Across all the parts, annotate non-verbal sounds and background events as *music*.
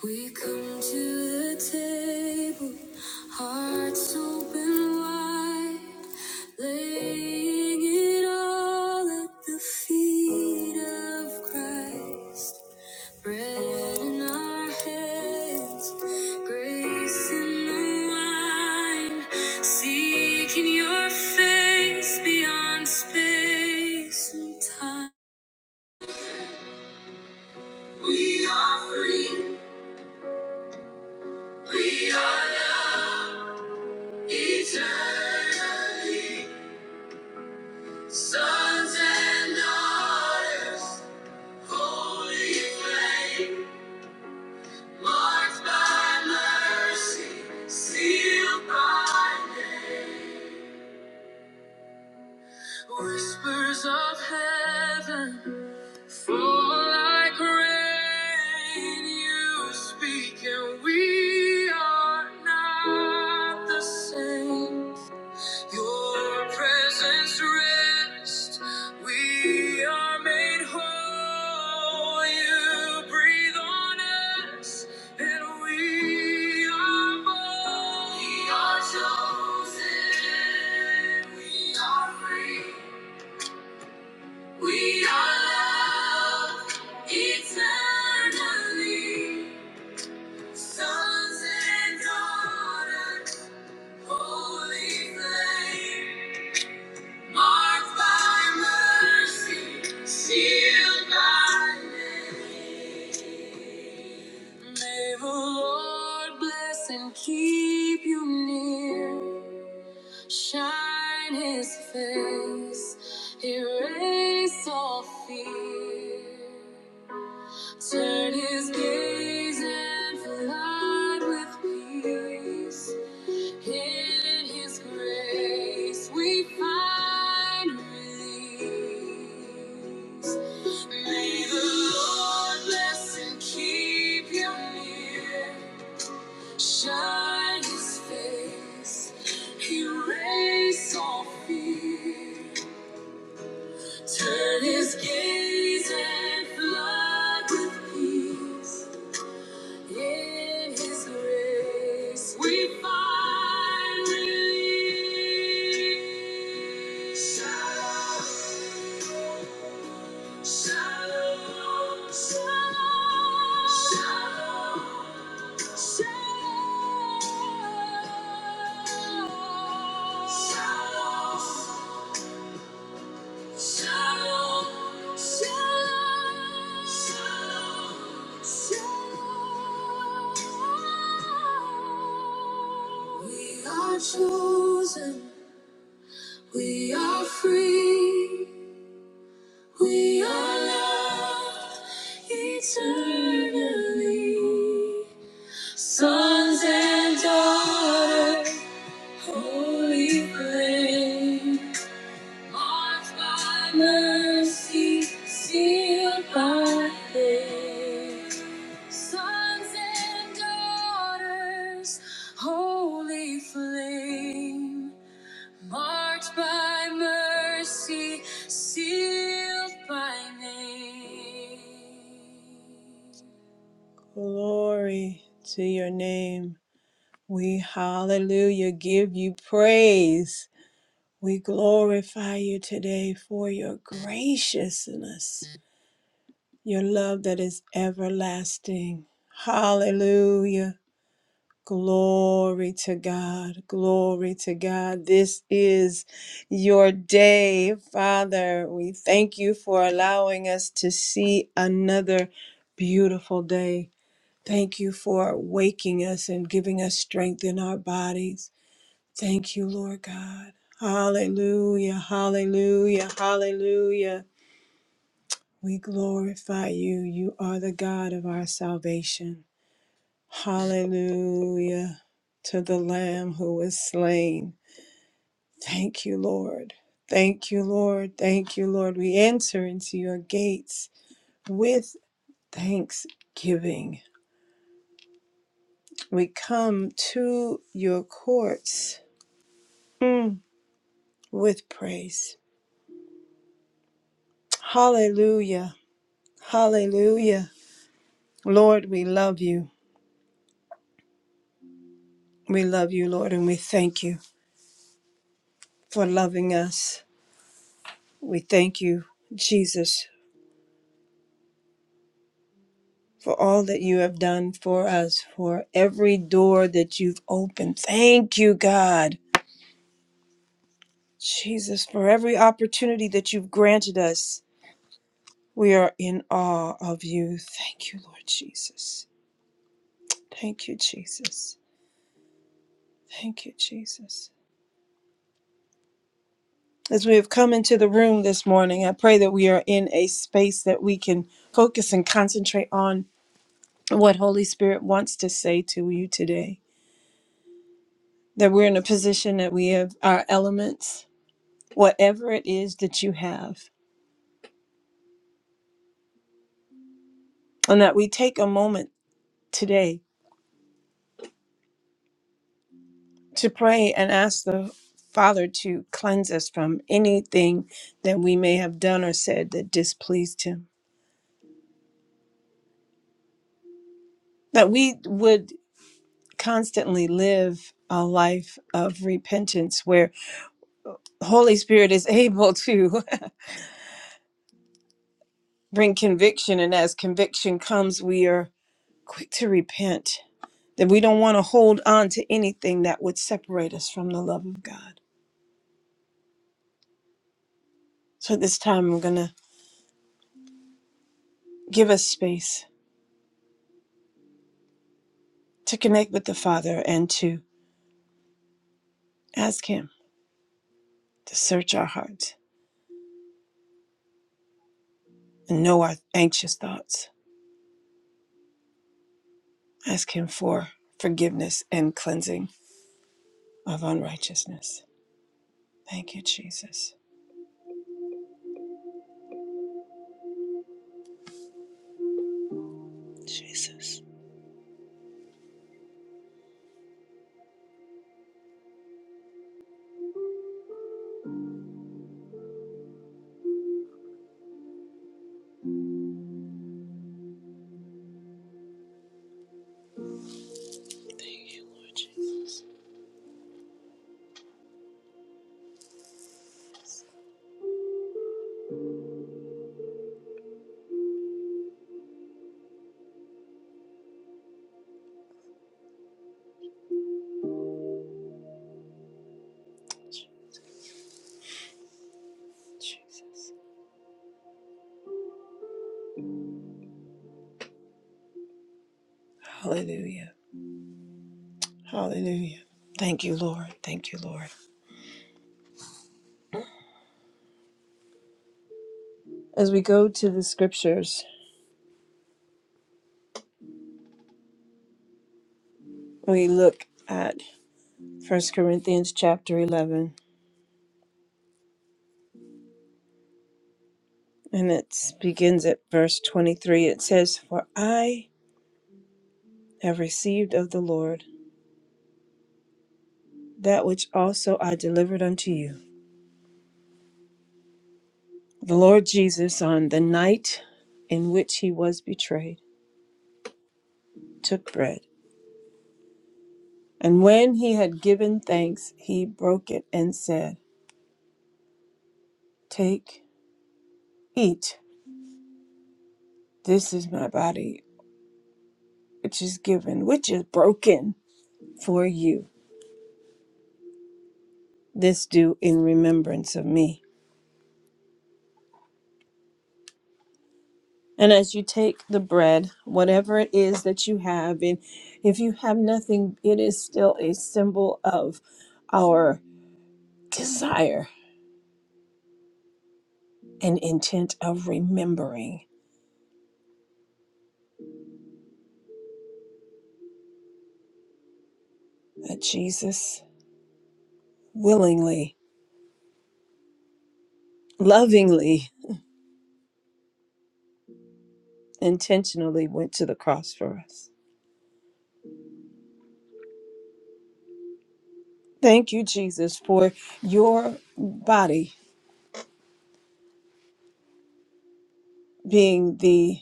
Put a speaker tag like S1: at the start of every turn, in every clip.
S1: We come to the table, hearts open wide, laying it all at the feet of Christ. Bread in our hands, grace in the wine, seeking your face beyond space and time. We are eternal. Sons and daughters, holy flame, marked by mercy, sealed by name. Whispers of heaven fall like rain. You speak, and we are not the same. Your presence rest. We are made whole. You breathe on us, and we are born. We are chosen. We are free. We are loved eternally. Sons and daughters, holy flame. Marked by mercy, sealed by name. May the Lord bless and keep you near. Shine His face, erase all fear. Turn His gaze and flood with peace. In His grace we find release. May the Lord bless and keep you near. Shine His face, erase all fear. Turn His gaze and flood with peace. In His grace, we find relief. Shalom, shalom, shalom, shalom, shalom. Shalom, shalom, shalom, shalom. We are chosen, we are free, we are loved eternally. Sons and daughters, holy flame. Marked by mercy, sealed by faith. Sons and daughters, holy flame. Marked by mercy, sealed by name. Glory to your name. We hallelujah give you praise. We glorify you today for your graciousness, your love that is everlasting. Hallelujah. Glory to God. Glory to God. This is your day, Father. We thank you for allowing us to see another beautiful day. Thank you for waking us and giving us strength in our bodies. Thank you, Lord God. Hallelujah, hallelujah, hallelujah. We glorify you. You are the God of our salvation. Hallelujah to the Lamb who was slain. Thank you, Lord. Thank you, Lord. Thank you, Lord. We enter into your gates with thanksgiving. We come to your courts mm, with praise. Hallelujah. Hallelujah. Lord, we love you. We love you, Lord, and we thank you for loving us. We thank you, Jesus, for all that you have done for us, for every door that you've opened. Thank you, God. Jesus, for every opportunity that you've granted us. We are in awe of you. Thank you, Lord Jesus. Thank you, Jesus. Thank you, Jesus. As we have come into the room this morning, I pray that we are in a space that we can focus and concentrate on what Holy Spirit wants to say to you today. That we're in a position that we have our elements, whatever it is that you have, and that we take a moment today to pray and ask the Father to cleanse us from anything that we may have done or said that displeased Him. That we would constantly live a life of repentance where the Holy Spirit is able to *laughs* bring conviction, and as conviction comes, we are quick to repent, that we don't want to hold on to anything that would separate us from the love of God. So at this time, I'm going to give us space to connect with the Father and to ask Him to search our hearts and know our anxious thoughts. Ask Him for forgiveness and cleansing of unrighteousness. Thank you, Jesus. Jesus. Thank you, Lord Jesus. Hallelujah. Hallelujah. Thank you, Lord. Thank you, Lord. As we go to the scriptures, we look at First Corinthians chapter 11, and it begins at verse 23. It says, For I have received of the Lord that which also I delivered unto you. The Lord Jesus, on the night in which he was betrayed, took bread. And when he had given thanks, he broke it and said, Take, eat. This is my body, which is given, which is broken for you. This do in remembrance of me. And as you take the bread, whatever it is that you have, and if you have nothing, it is still a symbol of our desire and intent of remembering that Jesus willingly, lovingly, intentionally went to the cross for us. Thank you, Jesus, for your body being the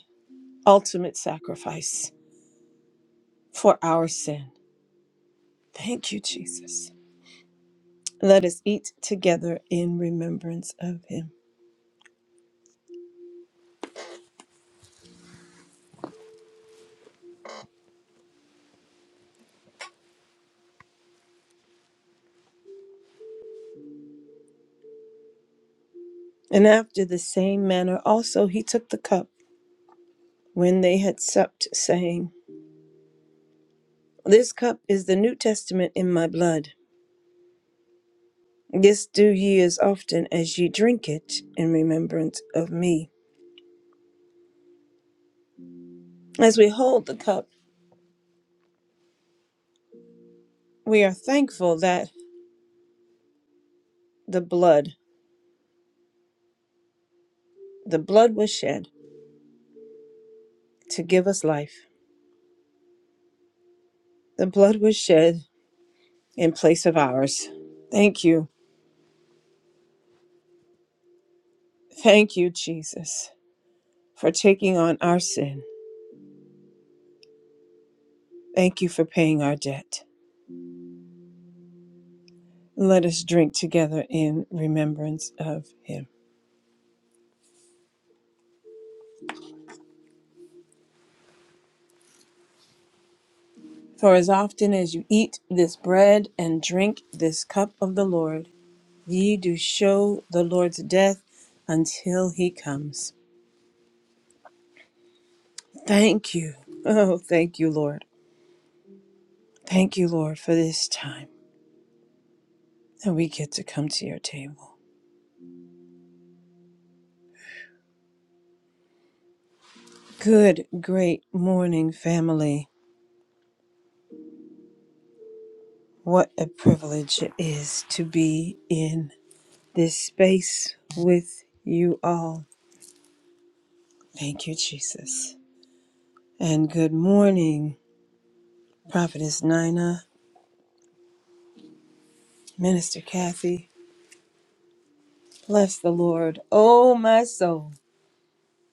S1: ultimate sacrifice for our sin. Thank you, Jesus. Let us eat together in remembrance of him. And after the same manner also he took the cup when they had supped, saying, This cup is the New Testament in my blood. This do ye as often as ye drink it in remembrance of me. As we hold the cup, we are thankful that the blood, the blood was shed to give us life. The blood was shed in place of ours. Thank you. Thank you, Jesus, for taking on our sin. Thank you for paying our debt. Let us drink together in remembrance of him. For as often as you eat this bread and drink this cup of the Lord, ye do show the Lord's death until he comes. Thank you. Oh, thank you, Lord. Thank you, Lord, for this time that we get to come to your table. Good, great morning, family. What a privilege it is to be in this space with you all. Thank you, Jesus. And good morning, Prophetess Nina, Minister Kathy. Bless the Lord, oh my soul,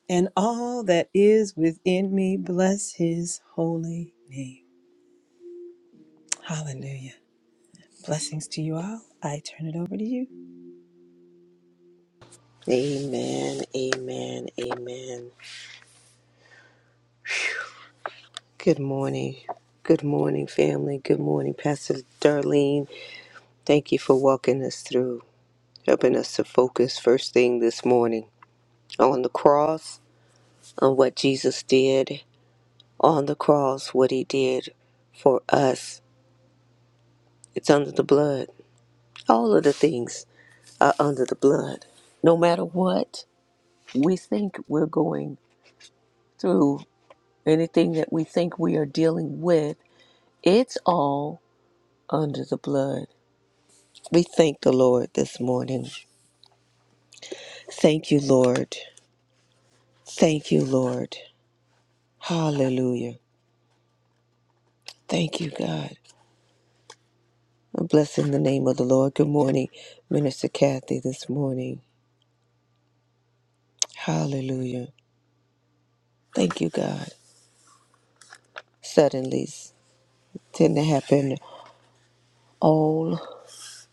S1: and all that is within me. Bless his holy name. Hallelujah. Blessings to you all. I turn it over to you.
S2: Amen, amen, amen. Good morning. Good morning, family. Good morning, Pastor Darlene. Thank you for walking us through, helping us to focus first thing this morning on the cross, on what Jesus did on the cross, what he did for us. It's under the blood. All of the things are under the blood. No matter what we think we're going through, anything that we think we are dealing with, it's all under the blood. We thank the Lord this morning. Thank you, Lord. Thank you, Lord. Hallelujah. Thank you, God. I'm blessing the name of the Lord. Good morning, Minister Kathy, this morning. Hallelujah. Thank you, God. Suddenly tend to happen all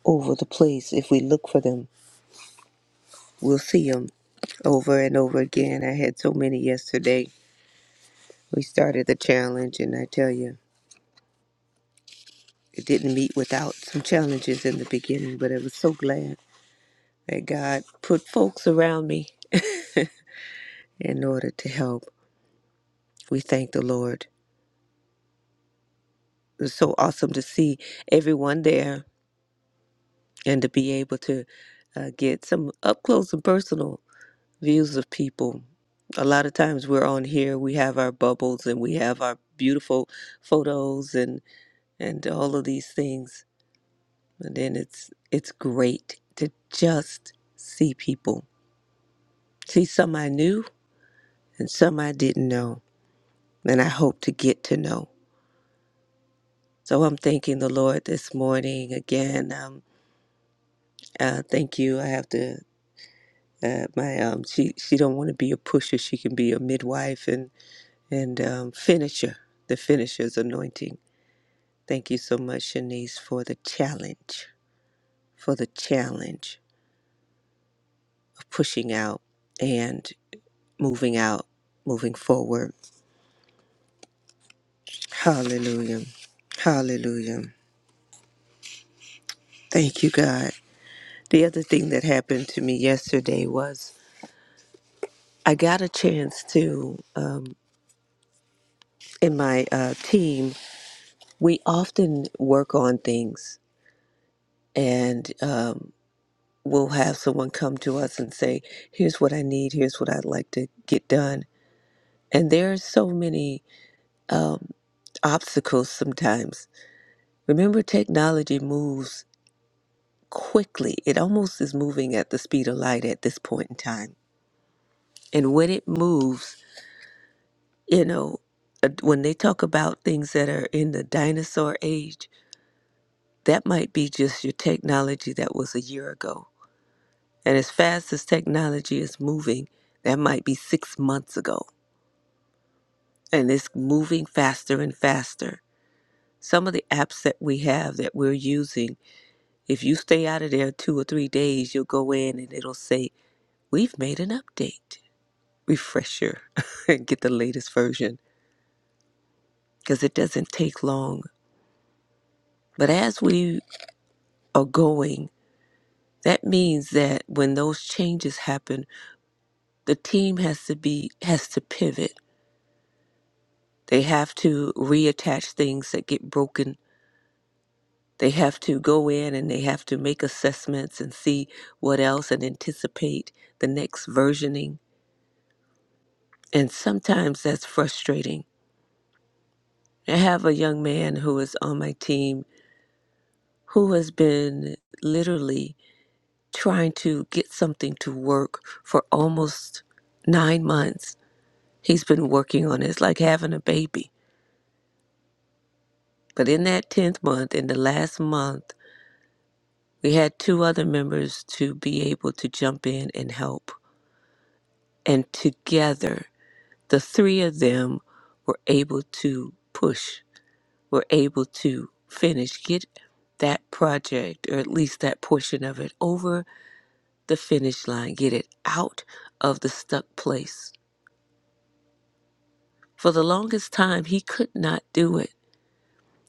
S2: over the place. If we look for them, we'll see them over and over again. I had so many yesterday. We started the challenge, and I tell you. It didn't meet without some challenges in the beginning, but I was so glad that God put folks around me in order to help. We thank the Lord. It was so awesome to see everyone there and to be able to uh, get some up close and personal views of people. A lot of times we're on here, we have our bubbles and we have our beautiful photos and and all of these things. And then it's it's great to just see people, see some I knew and some I didn't know, and I hope to get to know. So I'm thanking the Lord this morning again. Um, uh, thank you. I have to. Uh, my um, she she don't want to be a pusher. She can be a midwife and and um, finisher. The finisher's anointing. Thank you so much, Shanice, for the challenge, for the challenge of pushing out and moving out, moving forward. Hallelujah. Hallelujah. Thank you, God. The other thing that happened to me yesterday was I got a chance to, um, in my uh, team, we often work on things and um, we'll have someone come to us and say, here's what I need, here's what I'd like to get done. And there are so many um, obstacles sometimes. Remember, technology moves quickly, it almost is moving at the speed of light at this point in time. And when it moves, You know, uh, when they talk about things that are in the dinosaur age, that might be just your technology that was a year ago. And as fast as technology is moving, that might be six months ago. And it's moving faster and faster. Some of the apps that we have that we're using, if you stay out of there two or three days, you'll go in and it'll say, We've made an update. Refresh your *laughs* and get the latest version because it doesn't take long. But as we are going, That means that when those changes happen, the team has to be has to pivot. They have to reattach things that get broken. They have to go in and they have to make assessments and see what else and anticipate the next versioning. And sometimes that's frustrating. I have a young man who is on my team who has been literally trying to get something to work for almost 9 months He's been working on it. It's like having a baby. But in that 10th month, in the last month, we had two other members to be able to jump in and help. And together, the three of them were able to push, were able to finish, get that project, or at least that portion of it, over the finish line, get it out of the stuck place. For the longest time, he could not do it.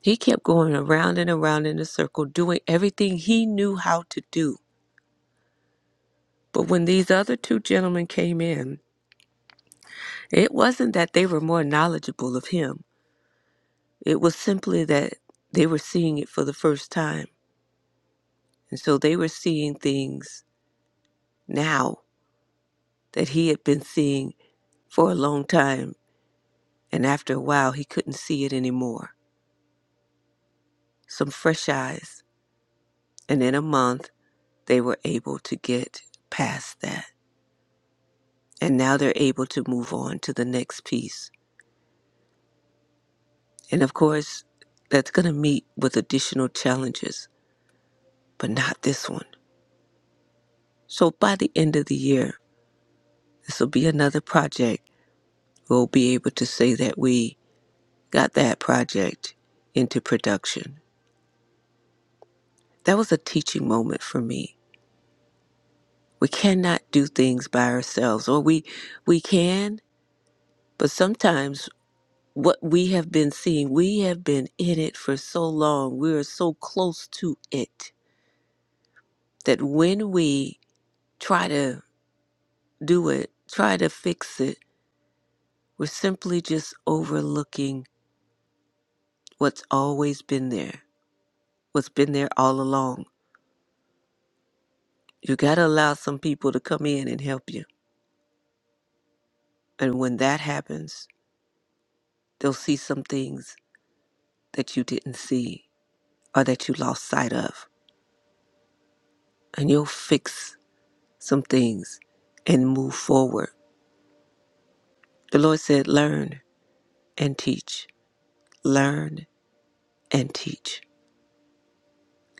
S2: He kept going around and around in a circle, doing everything he knew how to do. But when these other two gentlemen came in, it wasn't that they were more knowledgeable of him. It was simply that they were seeing it for the first time. And so they were seeing things now that he had been seeing for a long time. And after a while, he couldn't see it anymore. Some fresh eyes. And in a month, they were able to get past that. and now they're able to move on to the next piece. And of course, that's going to meet with additional challenges, but not this one. So by the end of the year, this will be another project. We'll be able to say that we got that project into production. That was a teaching moment for me. We cannot do things by ourselves, or we we can, but sometimes what we have been seeing, we have been in it for so long. We are so close to it that when we try to do it, try to fix it, we're simply just overlooking what's always been there, what's been there all along. You got to allow some people to come in and help you. And when that happens, they'll see some things that you didn't see or that you lost sight of. And you'll fix some things and move forward. The Lord said, Learn and teach, learn and teach,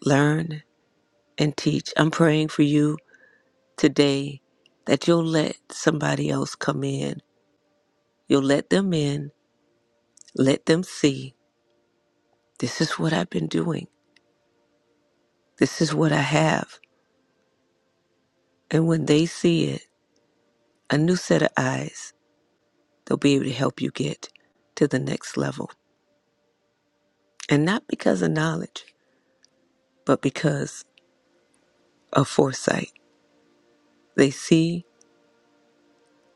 S2: learn and teach. I'm praying for you today that you'll let somebody else come in. You'll let them in, let them see this is what I've been doing, this is what I have. And when they see it, a new set of eyes, they'll be able to help you get to the next level. And not because of knowledge, but because of foresight. They see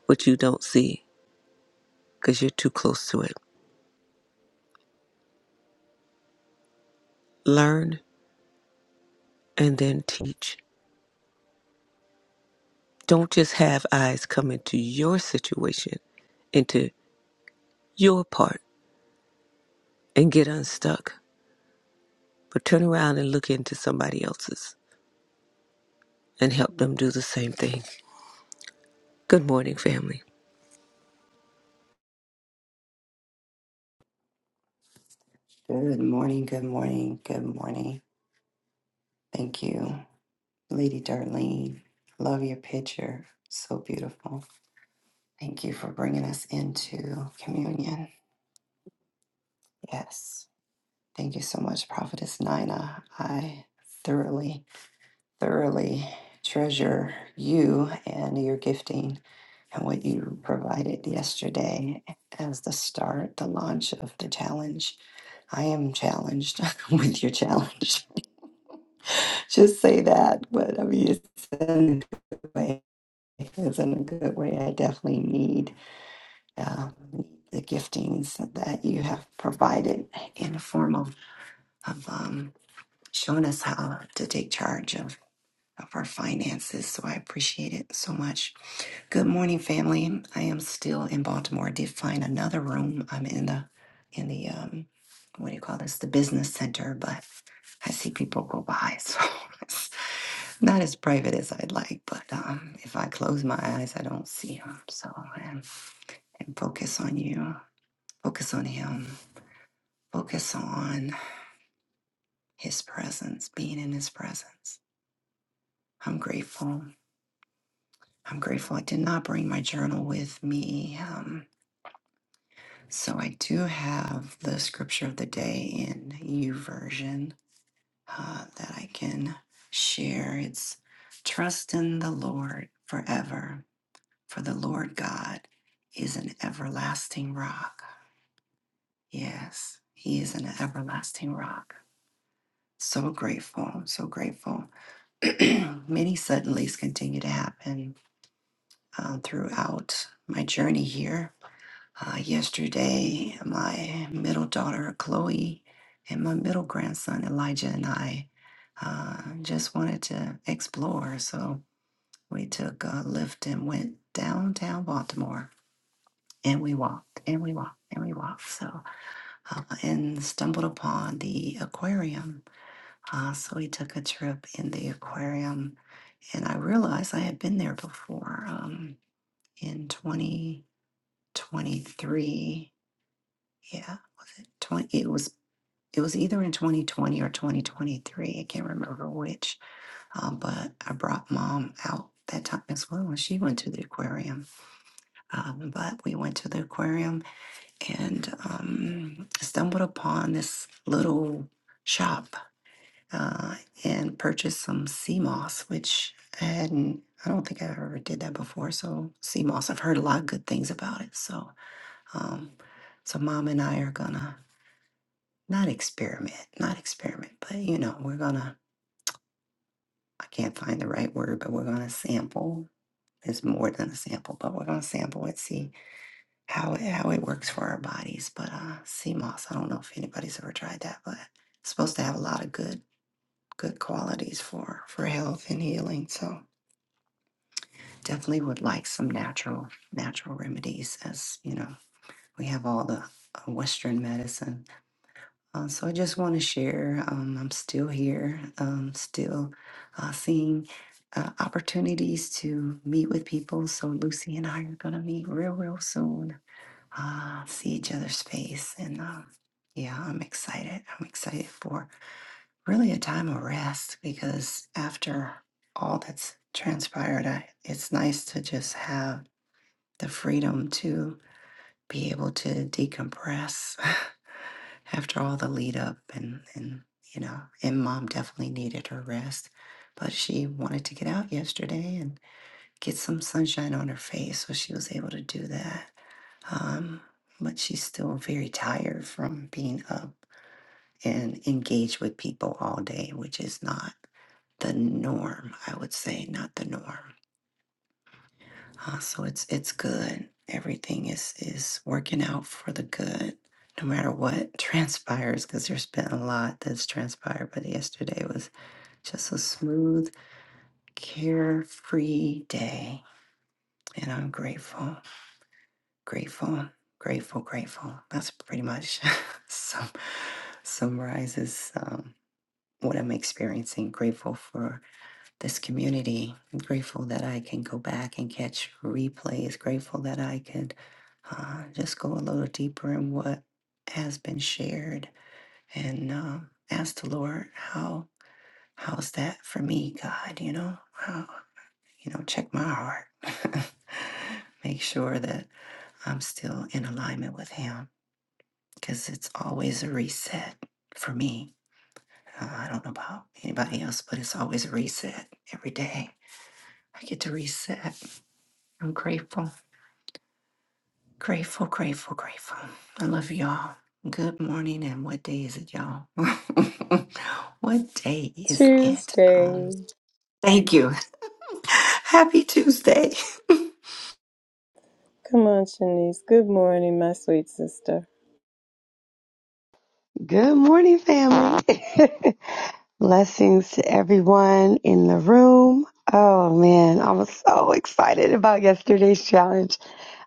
S2: what you don't see because you're too close to it. Learn and then teach. Don't just have eyes come into your situation, into your part and get unstuck, but turn around and look into somebody else's and help them do the same thing. Good morning, family.
S3: Good morning, good morning, good morning. Thank you, Lady Darlene. Love your picture. So beautiful. Thank you for bringing us into communion. Yes. Thank you so much, Prophetess Nina. I thoroughly, thoroughly treasure you and your gifting and what you provided yesterday as the start, the launch of the challenge. I am challenged *laughs* with your challenge. just say that. But I mean, it's in a good way. It's in a good way. I definitely need um, the giftings that you have provided in the form of, of um, showing us how to take charge of, of our finances. So I appreciate it so much. Good morning, family. I am still in Baltimore. I did find another room. I'm in the in the um what do you call this? The business center, but I see people go by, so *laughs* it's not as private as I'd like. But um, if I close my eyes, I don't see them. So and, and focus on you, focus on Him, focus on His presence, being in His presence. I'm grateful. I'm grateful. I did not bring my journal with me. um, So I do have the scripture of the day in U version uh, that I can share. It's trust in the Lord forever, for the Lord God is an everlasting rock. Yes, He is an everlasting rock. So grateful, so grateful. *clears throat* Many suddenlies continue to happen uh, throughout my journey here Uh, yesterday, my middle daughter Chloe and my middle grandson Elijah and I uh, just wanted to explore. So we took a lift and went downtown Baltimore and we walked and we walked and we walked. So, uh, and stumbled upon the aquarium. Uh, so we took a trip in the aquarium and I realized I had been there before um, in 2023. Yeah. 20, it was it was either in 2020 or 2023. I can't remember which, um, but I brought mom out that time as well when she went to the aquarium. Um, but we went to the aquarium and um, stumbled upon this little shop uh, and purchased some sea moss, which I hadn't. I don't think I ever did that before. So sea moss, I've heard a lot of good things about it. So, um, so mom and I are gonna not experiment, not experiment, but you know, we're gonna I can't find the right word, but we're gonna sample. It's more than a sample, but we're gonna sample it, see how it, how it works for our bodies. But uh, sea moss, I don't know if anybody's ever tried that, but it's supposed to have a lot of good good qualities for for health and healing. So definitely would like some natural natural remedies, as you know, we have all the uh, Western medicine Uh, so I just want to share. Um, I'm still here, um, still uh, seeing uh, opportunities to meet with people. So Lucy and I are going to meet real, real soon. Uh, see each other's face, and um, yeah, I'm excited. I'm excited for really a time of rest because after all that's transpired, I, it's nice to just have the freedom to be able to decompress *laughs* after all the lead up and and you know and mom definitely needed her rest but she wanted to get out yesterday and get some sunshine on her face so she was able to do that um but she's still very tired from being up and engaged with people all day which is not the norm i would say not the norm uh, so it's it's good. Everything is is working out for the good, no matter what *laughs* transpires. Because there's been a lot that's transpired, but yesterday was just a smooth, carefree day, and I'm grateful, grateful, grateful, grateful. That's pretty much *laughs* some summarizes um, what I'm experiencing. Grateful for this community. Grateful that I can go back and catch replays. Grateful that I can uh, just go a little deeper in what has been shared and uh, ask the Lord how how's that for me, God? You know, how you know, check my heart, *laughs* make sure that I'm still in alignment with Him, because it's always a reset for me. Uh, I don't know about anybody else, but it's always a reset every day. I get to reset. I'm grateful. Grateful, grateful, grateful. I love y'all. Good morning, and what day is it, y'all? *laughs* what day is it? Um,
S1: Tuesday.
S3: thank you. *laughs* Happy Tuesday. *laughs*
S1: Come on, Shanice. Good morning, my sweet sister.
S4: Good morning, family. *laughs* Blessings to everyone in the room. Oh man, I was so excited about yesterday's challenge.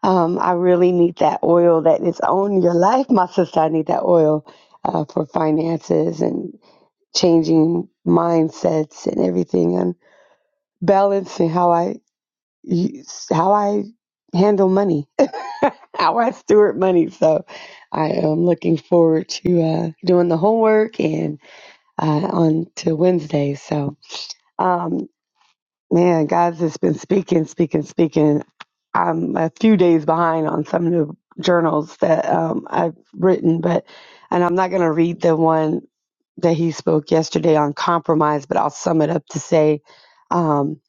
S4: Um, I really need that oil that is on your life, my sister. I need that oil uh, for finances and changing mindsets and everything, and balancing how I use- how I handle money, *laughs* how I steward money. So I am looking forward to uh, doing the homework and uh, on to Wednesday. So, um, man, God's just been speaking, speaking, speaking. I'm a few days behind on some of the journals that um, I've written, but and I'm not going to read the one that he spoke yesterday on compromise, but I'll sum it up to say, um,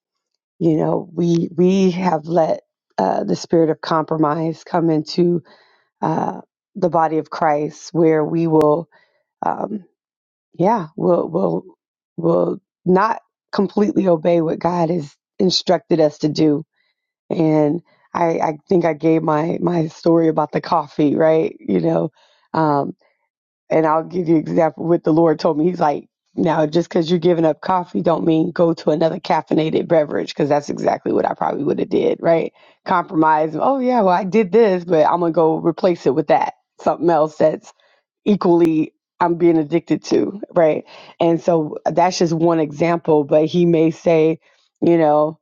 S4: you know, we we have let uh, the spirit of compromise come into uh, the body of Christ, where we will. Um, yeah, we will will will not completely obey what God has instructed us to do. And I, I think I gave my my story about the coffee, right? You know, um, and I'll give you example what the Lord told me. He's like, now just because you're giving up coffee, don't mean go to another caffeinated beverage, because that's exactly what I probably would have did, right? Compromise. Oh yeah, well I did this, but I'm gonna go replace it with that something else that's equally I'm being addicted to, right? And so that's just one example, but he may say, you know,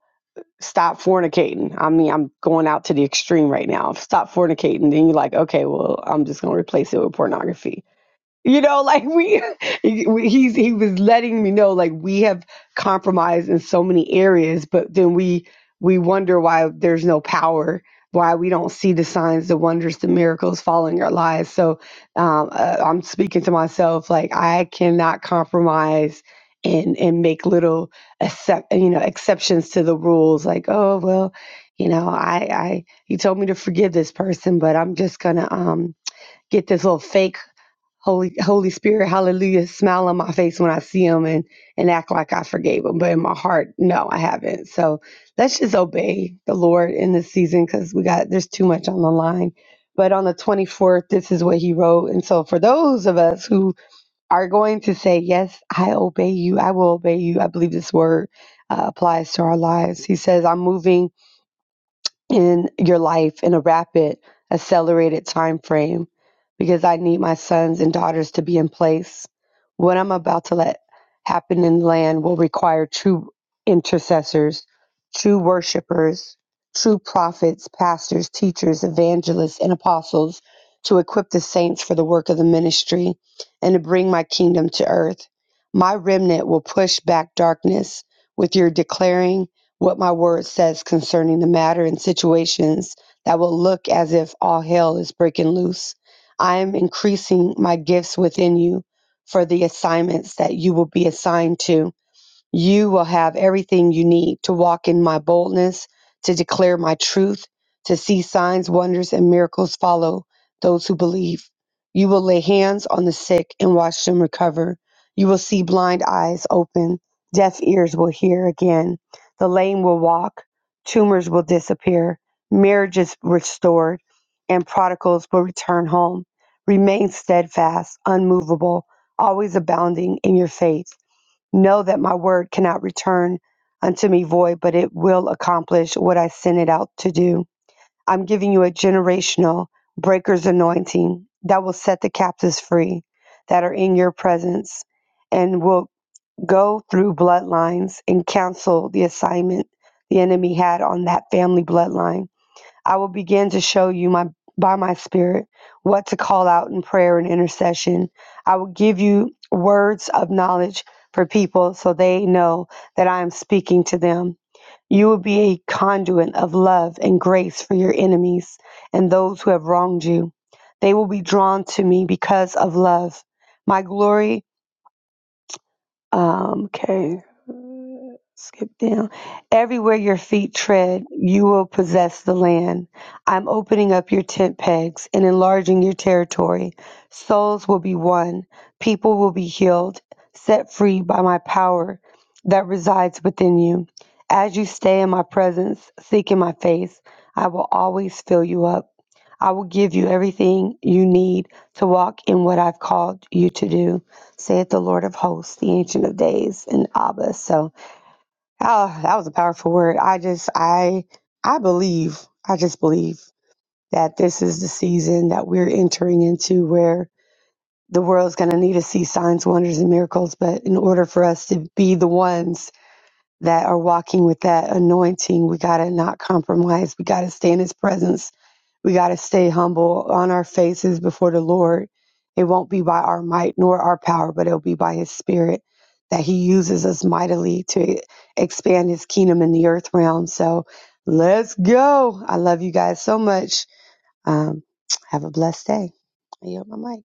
S4: stop fornicating. I mean, I'm going out to the extreme right now. Stop fornicating. Then you're like, okay, well, I'm just going to replace it with pornography. You know, like we, *laughs* we- he's he was letting me know like we have compromised in so many areas, but then we we wonder why there's no power, why we don't see the signs, the wonders, the miracles following our lives. So um, uh, I'm speaking to myself like I cannot compromise and and make little accept you know exceptions to the rules. Like oh well, you know I I he told me to forgive this person, but I'm just gonna um get this little fake Holy Holy Spirit, hallelujah, smile on my face when I see him and and act like I forgave him. But in my heart, no, I haven't. So let's just obey the Lord in this season because we got there's too much on the line. But on the 24th, this is what he wrote. And so for those of us who are going to say, Yes, I obey you, I will obey you, I believe this word uh, applies to our lives. He says, I'm moving in your life in a rapid, accelerated time frame because I need my sons and daughters to be in place. What I'm about to let happen in the land will require true intercessors, true worshipers, true prophets, pastors, teachers, evangelists, and apostles to equip the saints for the work of the ministry and to bring my kingdom to earth. My remnant will push back darkness with your declaring what my word says concerning the matter and situations that will look as if all hell is breaking loose. I am increasing my gifts within you for the assignments that you will be assigned to. You will have everything you need to walk in my boldness, to declare my truth, to see signs, wonders, and miracles follow those who believe. You will lay hands on the sick and watch them recover. You will see blind eyes open, deaf ears will hear again, the lame will walk, tumors will disappear, marriages restored, and prodigals will return home. Remain steadfast, unmovable, always abounding in your faith Know that my word cannot return unto me void, but it will accomplish what I sent it out to do. I'm giving you a generational breaker's anointing that will set the captives free that are in your presence and will go through bloodlines and cancel the assignment the enemy had on that family bloodline I will begin to show you my by my spirit what to call out in prayer and intercession. I will give you words of knowledge for people so they know that I am speaking to them. You will be a conduit of love and grace for your enemies and those who have wronged you. They will be drawn to me because of love. My glory um, okay, skip down. Everywhere your feet tread, you will possess the land. I'm opening up your tent pegs and enlarging your territory. Souls will be won, people will be healed, set free by my power that resides within you. As you stay in my presence, seek in my face, I will always fill you up. I will give you everything you need to walk in what I've called you to do saith the Lord of hosts, the Ancient of Days, and Abba. So, oh, that was a powerful word. I just, I, I believe, I just believe that this is the season that we're entering into where the world's going to need to see signs, wonders, and miracles. But in order for us to be the ones that are walking with that anointing, we got to not compromise. We got to stay in His presence we got to stay humble on our faces before the Lord. It won't be by our might nor our power, but it'll be by His Spirit that He uses us mightily to expand His kingdom in the earth realm. So let's go. I love you guys so much. Um, have a blessed day. I yield my mic.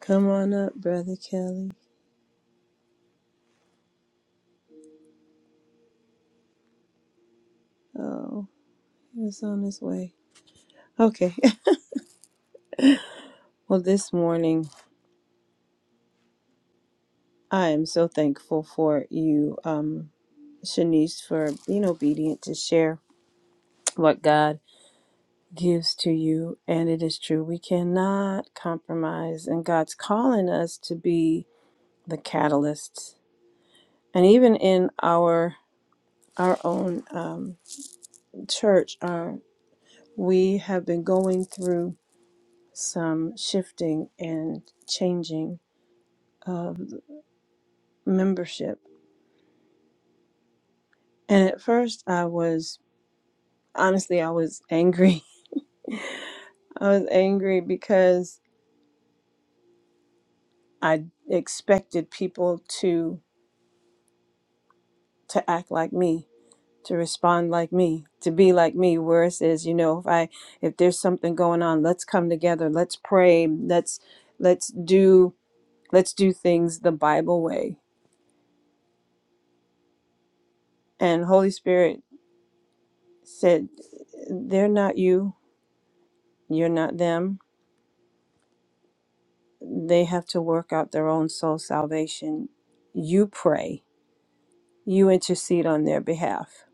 S1: Come on up, Brother Kelly. Oh, he was on his way. Okay. *laughs* well, this morning. I am so thankful for you, um, Shanice, for being obedient to share what God gives to you. And it is true, we cannot compromise. And God's calling us to be the catalysts. And even in our our own um, church, our, we have been going through some shifting and changing of membership. And at first, I was honestly, I was angry *laughs* I was angry because I expected people to to act like me, to respond like me, to be like me. Where it says, you know, if I if there's something going on, let's come together, let's pray, let's let's do let's do things the Bible way. And Holy Spirit said, they're not you, you're not them. They have to work out their own soul salvation. You pray, you intercede on their behalf.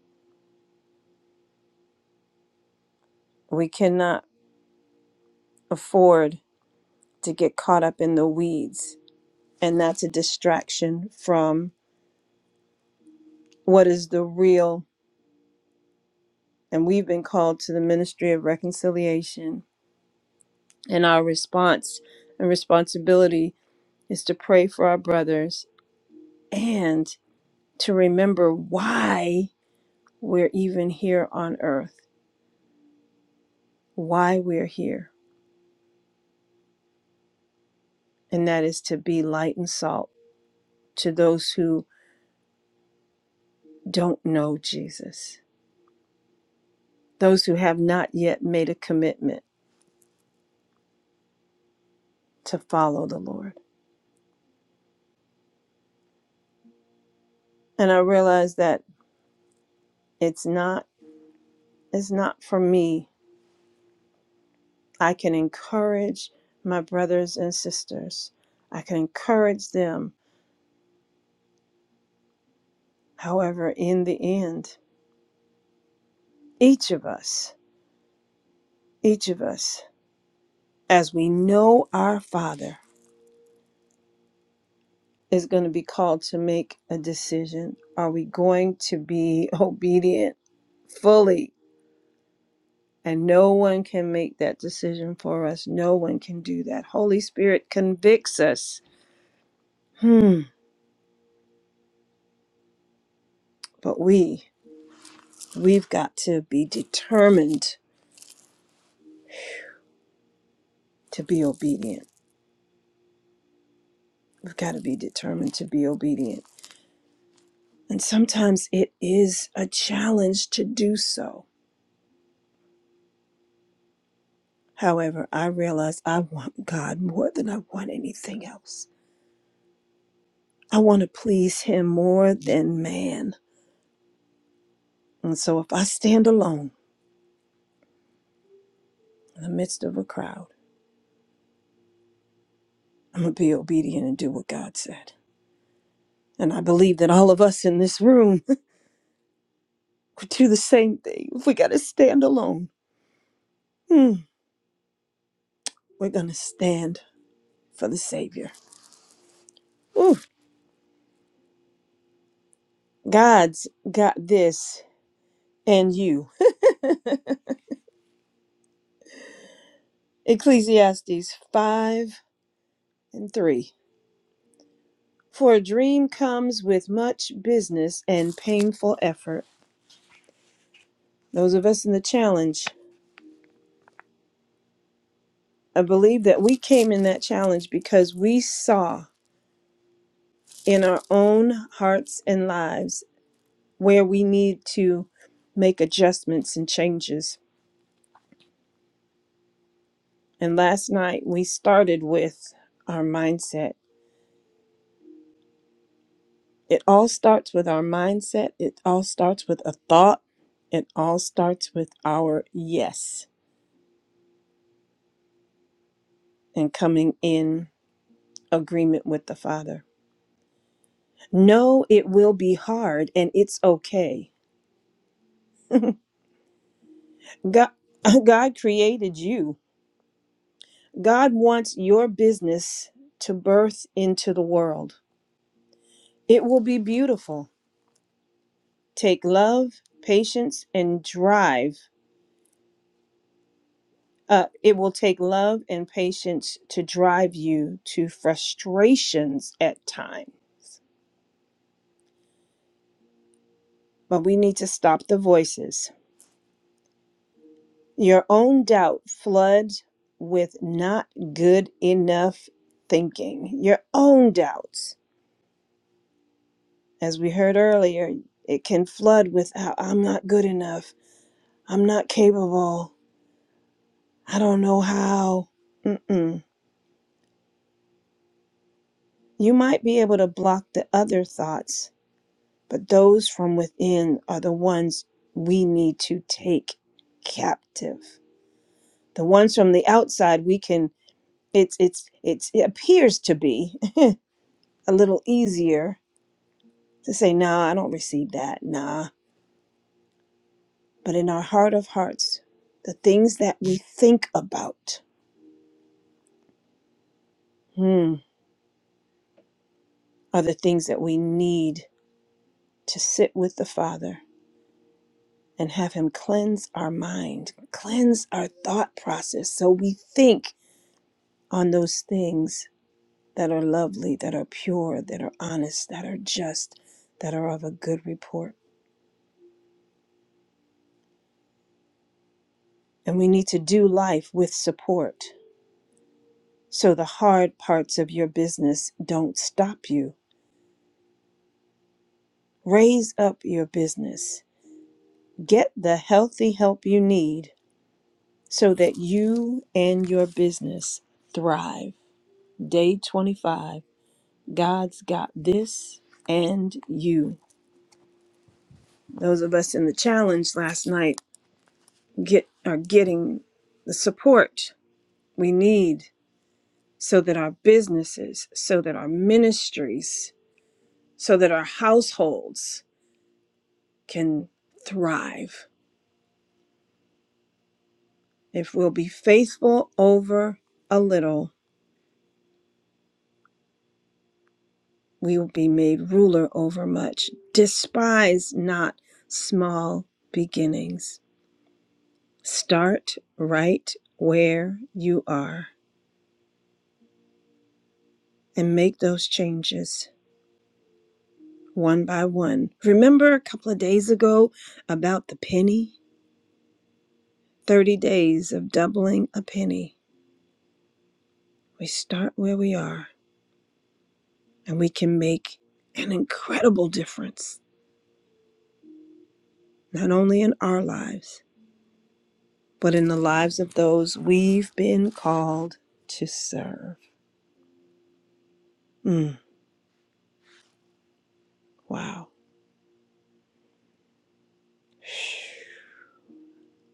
S1: We cannot afford to get caught up in the weeds. And that's a distraction from what is the real. And we've been called to the ministry of reconciliation. And our response and responsibility is to pray for our brothers and to remember why we're even here on earth, why we're here. And that is to be light and salt to those who don't know Jesus, those who have not yet made a commitment to follow the Lord. And I realize that it's not it's not for me. I can encourage my brothers and sisters. I can encourage them. However, in the end, each of us, each of us, as we know our Father, is going to be called to make a decision. Are we going to be *laughs* obedient fully? And no one can make that decision for us. No one can do that. Holy Spirit convicts us Hmm. But we, we've got to be determined to be obedient. We've got to be determined to be obedient. And sometimes it is a challenge to do so. However, I realize I want God more than I want anything else. I want to please Him more than man. And so if I stand alone in the midst of a crowd, I'm going to be obedient and do what God said. And I believe that all of us in this room *laughs* would do the same thing if we got to stand alone Hmm. We're going to stand for the Savior. Ooh, God's got this and you. *laughs* Ecclesiastes 5 and 3. For a dream comes with much business and painful effort. Those of us in the challenge, I believe that we came in that challenge because we saw in our own hearts and lives where we need to make adjustments and changes. And last night we started with our mindset It all starts with our mindset. It all starts with a thought. It all starts with our yes and coming in agreement with the Father. No, it will be hard and it's okay. God, *laughs* God created you. God wants your business to birth into the world. It will be beautiful. Take love, patience, and drive Uh, it will take love and patience to drive you to frustrations at time, but we need to stop the voices. Your own doubt floods with not good enough thinking. Your own doubts, as we heard earlier, it can flood with "I- I'm not good enough. I'm not capable. I don't know how. Mm-mm. You might be able to block the other thoughts but those from within are the ones we need to take captive the ones from the outside we can it's it's it's it appears to be *laughs* a little easier to say nah i don't receive that nah but in our heart of hearts the things that we think about hmm, are the things that we need to sit with the father and have him cleanse our mind cleanse our thought process so we think on those things that are lovely, that are pure, that are honest, that are just, that are of a good report. And we need to do life with support so the hard parts of your business don't stop you. Raise up your business. Get the healthy help you need so that you and your business thrive. Day 25 God's got this and you. Those of us in the challenge last night get are getting the support we need so that our businesses, so that our ministries, so that our households can thrive. If we'll be faithful over a little, we will be made ruler over much. Despise not small beginnings. Start right where you are and make those changes one by one. Remember a couple of days ago about the penny? 30 days of doubling a penny, we start where we are and we can make an incredible difference, not only in our lives, but in the lives of those we've been called to serve. Mm, wow.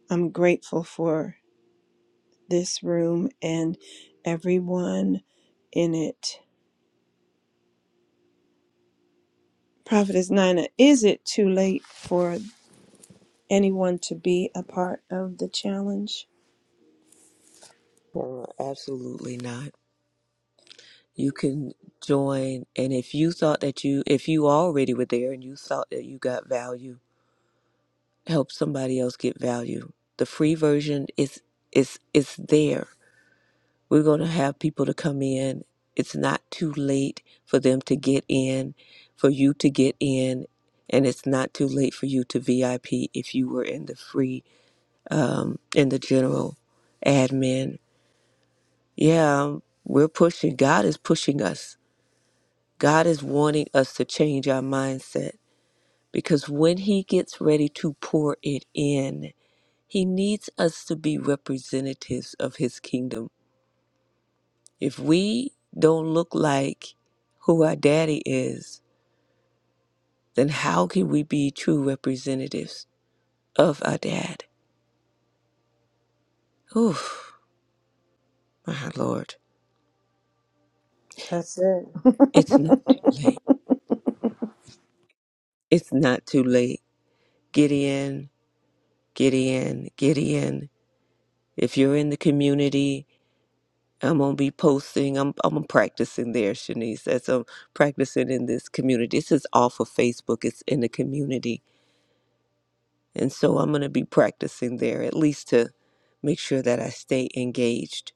S1: I'm grateful for this room and everyone in it. Prophetess Nina, is it too late for anyone to be a part of the challenge?
S2: Oh, absolutely not. You can join, and if you thought that you, if you already were there and you thought that you got value, help somebody else get value. The free version is is is there We're going to have people to come in. It's not too late for them to get in, for you to get in, and it's not too late for you to VIP if you were in the free, um, in the general admin. Yeah, we're pushing. God is pushing us. God is wanting us to change our mindset because when He gets ready to pour it in, He needs us to be representatives of His kingdom If we don't look like who our daddy is, then how can we be true representatives of our dad? Oof, my Lord.
S1: That's it.
S2: It's not too late.
S1: *laughs*
S2: It's not too late. Get in, get in, get in. If you're in the community, I'm gonna be posting. I'm I'm practicing there, Shanice. That's I'm practicing in this community. This is off of Facebook. It's in the community And so I'm going to be practicing there at least to make sure that I stay engaged.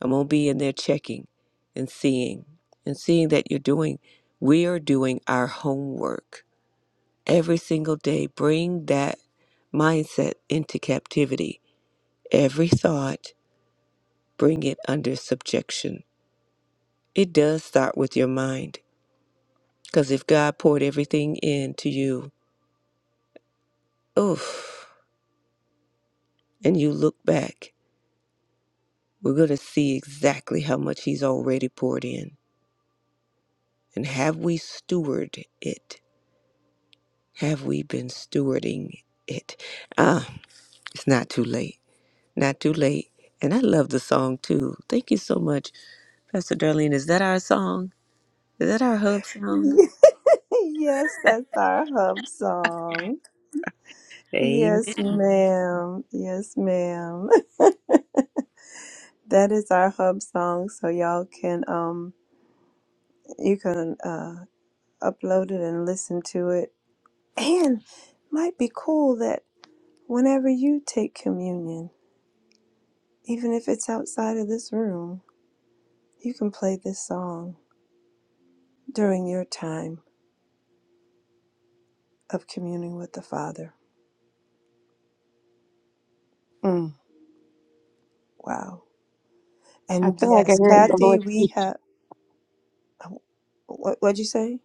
S2: I'm going to be in there checking and seeing and seeing that you're doing, we are doing our homework every single day. Bring that mindset into captivity. Every thought, bring it under subjection. It does start with your mind. Because if God poured everything into you, oof, and you look back, we're going to see exactly how much He's already poured in. And have we stewarded it? Have we been stewarding it? Ah, it's not too late. Not too late. And I love the song too. Thank you so much, Pastor Darlene. Is that our song? Is that our hub song?
S1: *laughs* yes, that's our hub song.
S2: Amen.
S1: Yes, ma'am. Yes, ma'am. *laughs* That is our hub song, so y'all can um you can uh upload it and listen to it. And might be cool that whenever you take communion, even if it's outside of this room, you can play this song during your time of communing with the Father. Mm, wow.
S4: I
S1: And
S4: feel like I
S1: yes,
S4: heard the
S1: Kathy,
S4: Lord.
S1: we
S4: speak.
S1: have what what'd you say?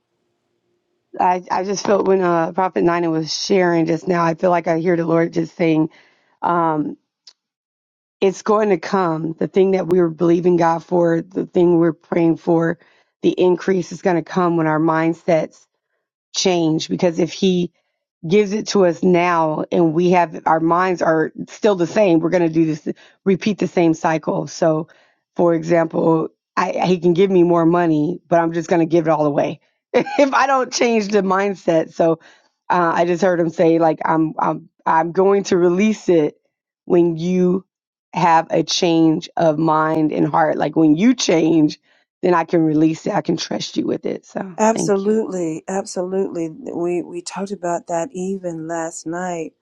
S4: I, I just felt when uh, Prophet Nina was sharing just now, I feel like I hear the Lord just saying, um, it's going to come. The thing that we were believing God for, the thing we're praying for, the increase is going to come when our mindsets change. Because if He gives it to us now and we have our minds are still the same we're going to do this repeat the same cycle so for example I, he can give me more money but i'm just going to give it all away *laughs* if i don't change the mindset so uh, i just heard him say like i'm i'm i'm going to release it when you have a change of mind and heart like when you change then i can release it i can trust you with it so thank you
S1: Absolutely, absolutely. We we talked about that even last night.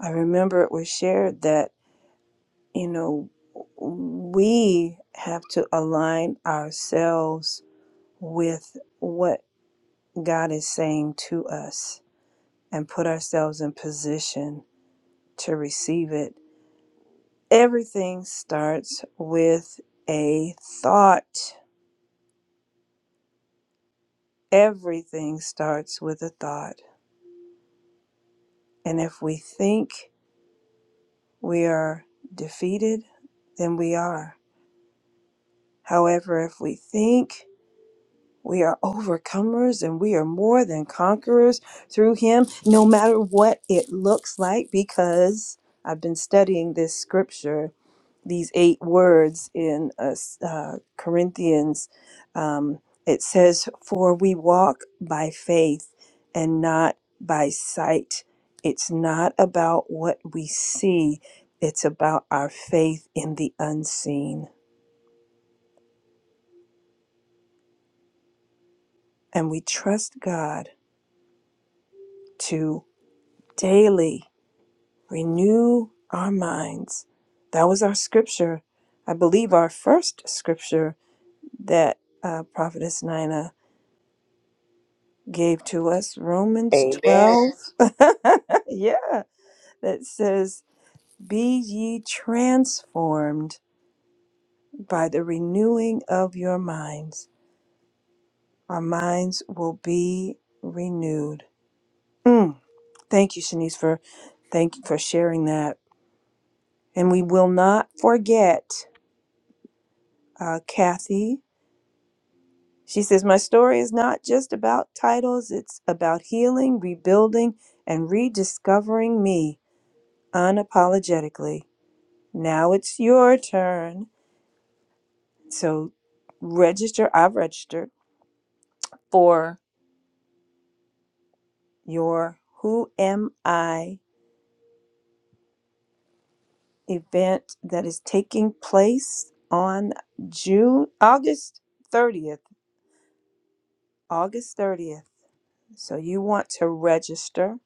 S1: I remember it was shared that, you know, we have to align ourselves with what God is saying to us and put ourselves in position to receive it. Everything starts with a thought. Everything starts with a thought. And if we think we are defeated, then we are. However, if we think we are overcomers and we are more than conquerors through Him, no matter what it looks like, because I've been studying this scripture these eight words in uh, s- uh, Corinthians, um, it says, For we walk by faith and not by sight. It's not about what we see, it's about our faith in the unseen. And we trust God to daily renew our minds. That was our scripture. I believe our first scripture that uh, Prophetess Nina gave to us Romans
S2: Amen.
S1: 12. *laughs* yeah, that says, Be ye transformed by the renewing of your minds. Our minds will be renewed. Mm. Thank you, Shanice, for thank you for sharing that. And we will not forget uh, Kathy. She says, My story is not just about titles, it's about healing, rebuilding, and rediscovering me unapologetically. Now it's your turn. So register, I've registered for your Who Am I event that is taking place on June, August 30th. August 30th. So you want to register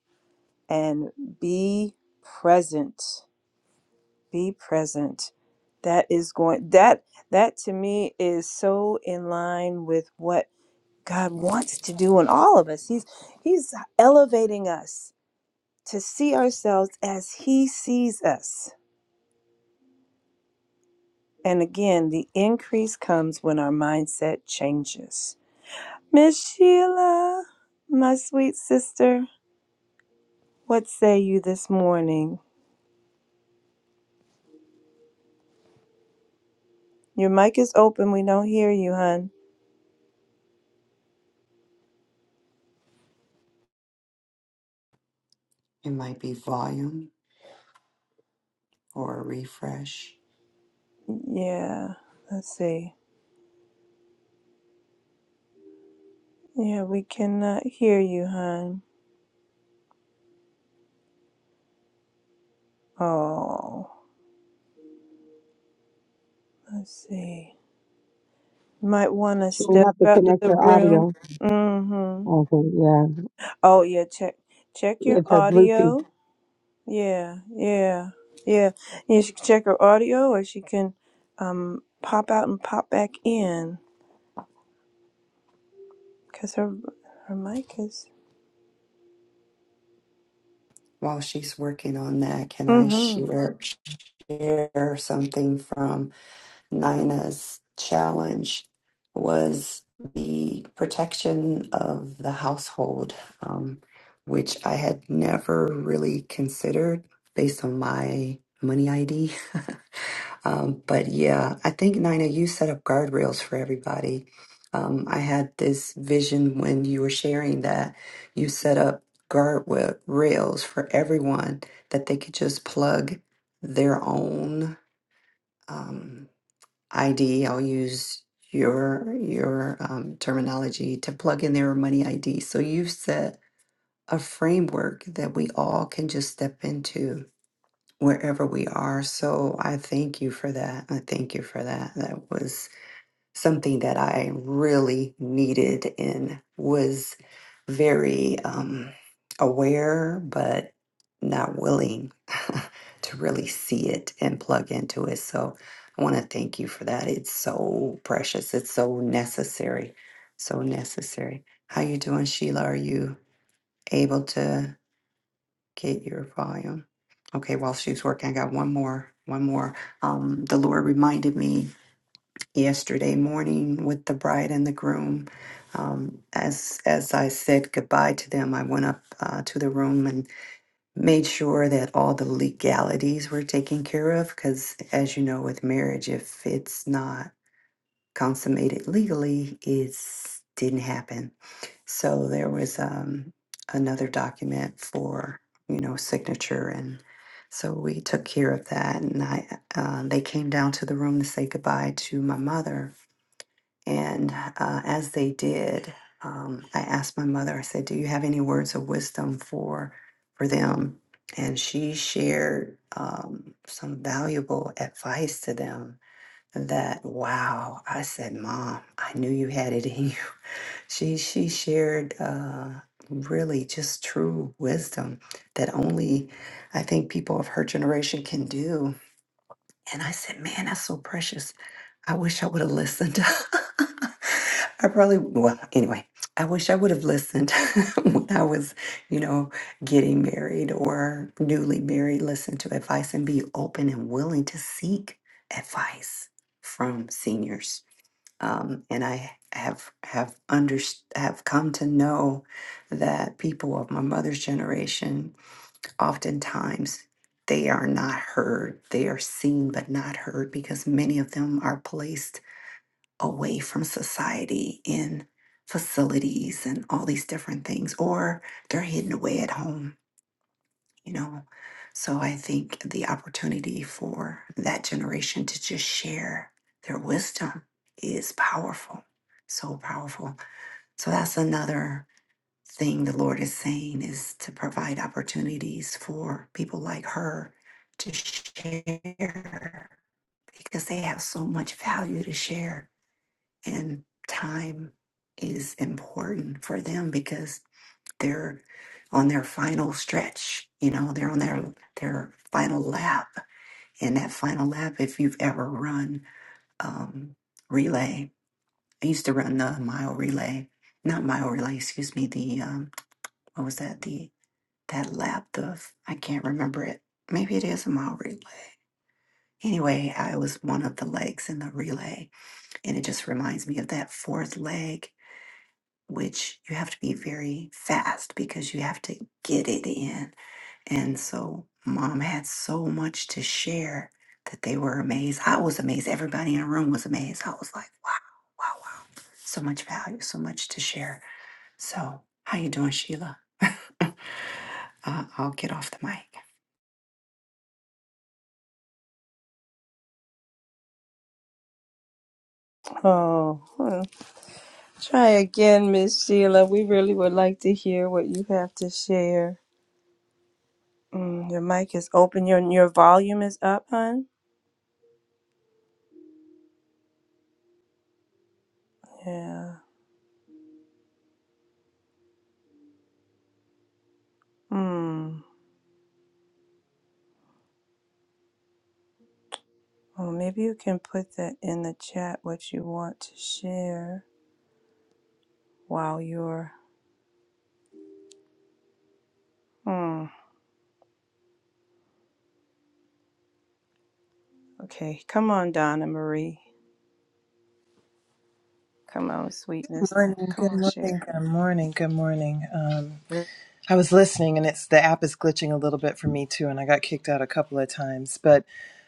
S1: and be present. Be present. That is going that that to me is so in line with what God wants to do in all of us. He's he's elevating us to see ourselves as he sees us. And again, the increase comes when our mindset changes. Miss Sheila, my sweet sister, what say you this morning? Your mic is open. We don't hear you, hun.
S3: It might be volume or a refresh.
S1: Yeah, let's see. Yeah, we cannot hear you, hun. Oh, let's see. Might want to
S4: She will
S1: step
S4: have to
S1: out of
S4: connect
S1: the
S4: her
S1: room.
S4: audio.
S1: Mm-hmm.
S4: Okay, yeah.
S1: Oh yeah, check check your
S4: Give her Bluetooth.
S1: audio. Yeah, yeah, yeah. You should check her audio, or she can um pop out and pop back in, cause her her mic is.
S3: While she's working on that, can I
S1: Mm-hmm.
S3: share, share something from Nina's challenge was the protection of the household, um, which I had never really considered based on my money ID. *laughs* Um, but yeah, I think Nina, you set up guardrails for everybody. Um, I had this vision when you were sharing that you set up guard wa- rails for everyone that they could just plug their own. Um, ID. I'll use your your um, terminology to plug in their money ID. So you've set a framework that we all can just step into wherever we are. So I thank you for that. I thank you for that. That was something that I really needed and was very um, aware, but not willing *laughs* to really see it and plug into it. So I want to thank you for that. It's so precious. It's so necessary. So necessary. How you doing, Sheila? Are you able to get your volume? Okay, while she's working, I got one more, one more. Um, the Lord reminded me yesterday morning with the bride and the groom. Um, as as I said goodbye to them, I went up uh, to the room and made sure that all the legalities were taken care of. Because as you know, with marriage, if it's not consummated legally, it didn't happen. So there was um, another document for you know signature, and so we took care of that. And I uh, they came down to the room to say goodbye to my mother and uh, as they did, um, I asked my mother, I said, Do you have any words of wisdom for, for them? And she shared um, some valuable advice to them that, wow, I said, Mom, I knew you had it in you. *laughs* She, she shared uh, really just true wisdom that only I think people of her generation can do. And I said, Man, that's so precious I wish I would have listened. *laughs* I probably, well, anyway, I wish I would have listened *laughs* when I was, you know, getting married or newly married, listen to advice and be open and willing to seek advice from seniors. Um, and I have have under have come to know that people of my mother's generation oftentimes they are not heard. They are seen but not heard because many of them are placed away from society in facilities and all these different things, or they're hidden away at home, you know. So I think the opportunity for that generation to just share their wisdom is powerful, so powerful. So that's another thing the Lord is saying is to provide opportunities for people like her to share because they have so much value to share and time is important for them because they're on their final stretch you know they're on their their final lap and that final lap if you've ever run um relay i used to run the mile relay not mile relay excuse me the um what was that the that lap the i can't remember it maybe it is a mile relay anyway i was one of the legs in the relay and it just reminds me of that fourth leg which you have to be very fast because you have to get it in. And so, mom had so much to share that they were amazed. I was amazed. Everybody in the room was amazed. I was like, wow, wow, wow. So much value, so much to share. So, how you doing, Sheila? *laughs* uh, I'll get off the mic.
S1: Oh, well, try again, Miss Sheila. We really would like to hear what you have to share. Mm, your mic is open. Your your volume is up, hon. Yeah. Hmm. Well, maybe you can put that in the chat what you want to share while you're. Mm, okay, come on, Donna Marie. Come on, sweetness.
S5: morning,
S1: Come
S5: good
S1: on,
S5: morning,
S1: share.
S5: good morning, good morning. Um, I was listening, and it's the app is glitching a little bit for me too, and I got kicked out a couple of times. But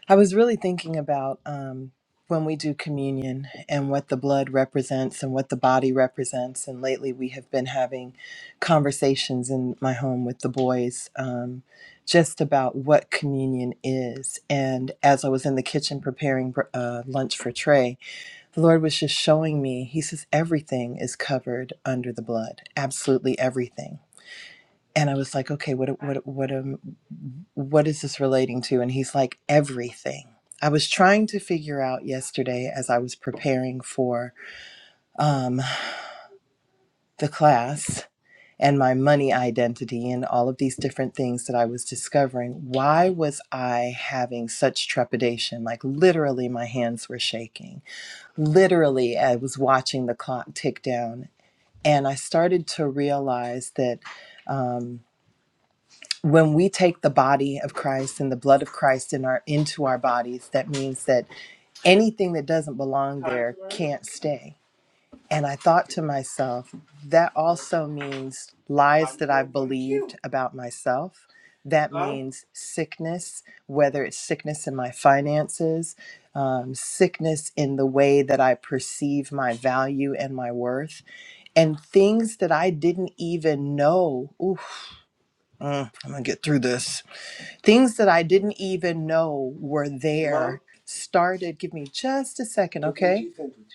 S5: I was really thinking about um, when we do communion and what the blood represents and what the body represents. And lately, we have been having conversations in my home with the boys um, just about what communion is. And as I was in the kitchen preparing br- uh, lunch for Trey, the Lord was just showing me, He says, everything is covered under the blood, absolutely everything. And I was like, okay, what, what, what, um, what is this relating to? And He's like, everything. I was trying to figure out yesterday as I was preparing for um, the class and my money identity and all of these different things that I was discovering. Why was I having such trepidation? Like, literally, my hands were shaking. Literally, I was watching the clock tick down And I started to realize that um, when we take the body of Christ and the blood of Christ in our into our bodies, that means that anything that doesn't belong there can't stay. And I thought to myself, that also means lies that I've believed about myself. That means sickness, whether it's sickness in my finances, um, sickness in the way that I perceive my value and my worth and things that I didn't even know. Oof, mm, I'm gonna get through this. Things that I didn't even know were Mom, there Mom? started. Give me just a second, okay?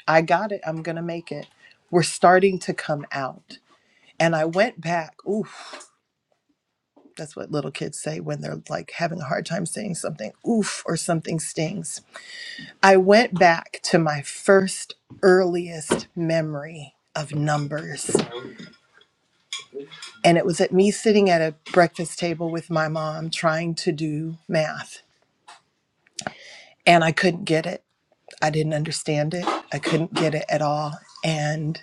S5: I got it. I'm gonna make it. We're starting to come out. And I went back. Oof. That's what little kids say when they're like having a hard time saying something. Oof, or something stings. I went back to my first earliest memory of numbers. And it was at me sitting at a breakfast table with my mom trying to do math. And I couldn't get it. I didn't understand it. I couldn't get it at all. And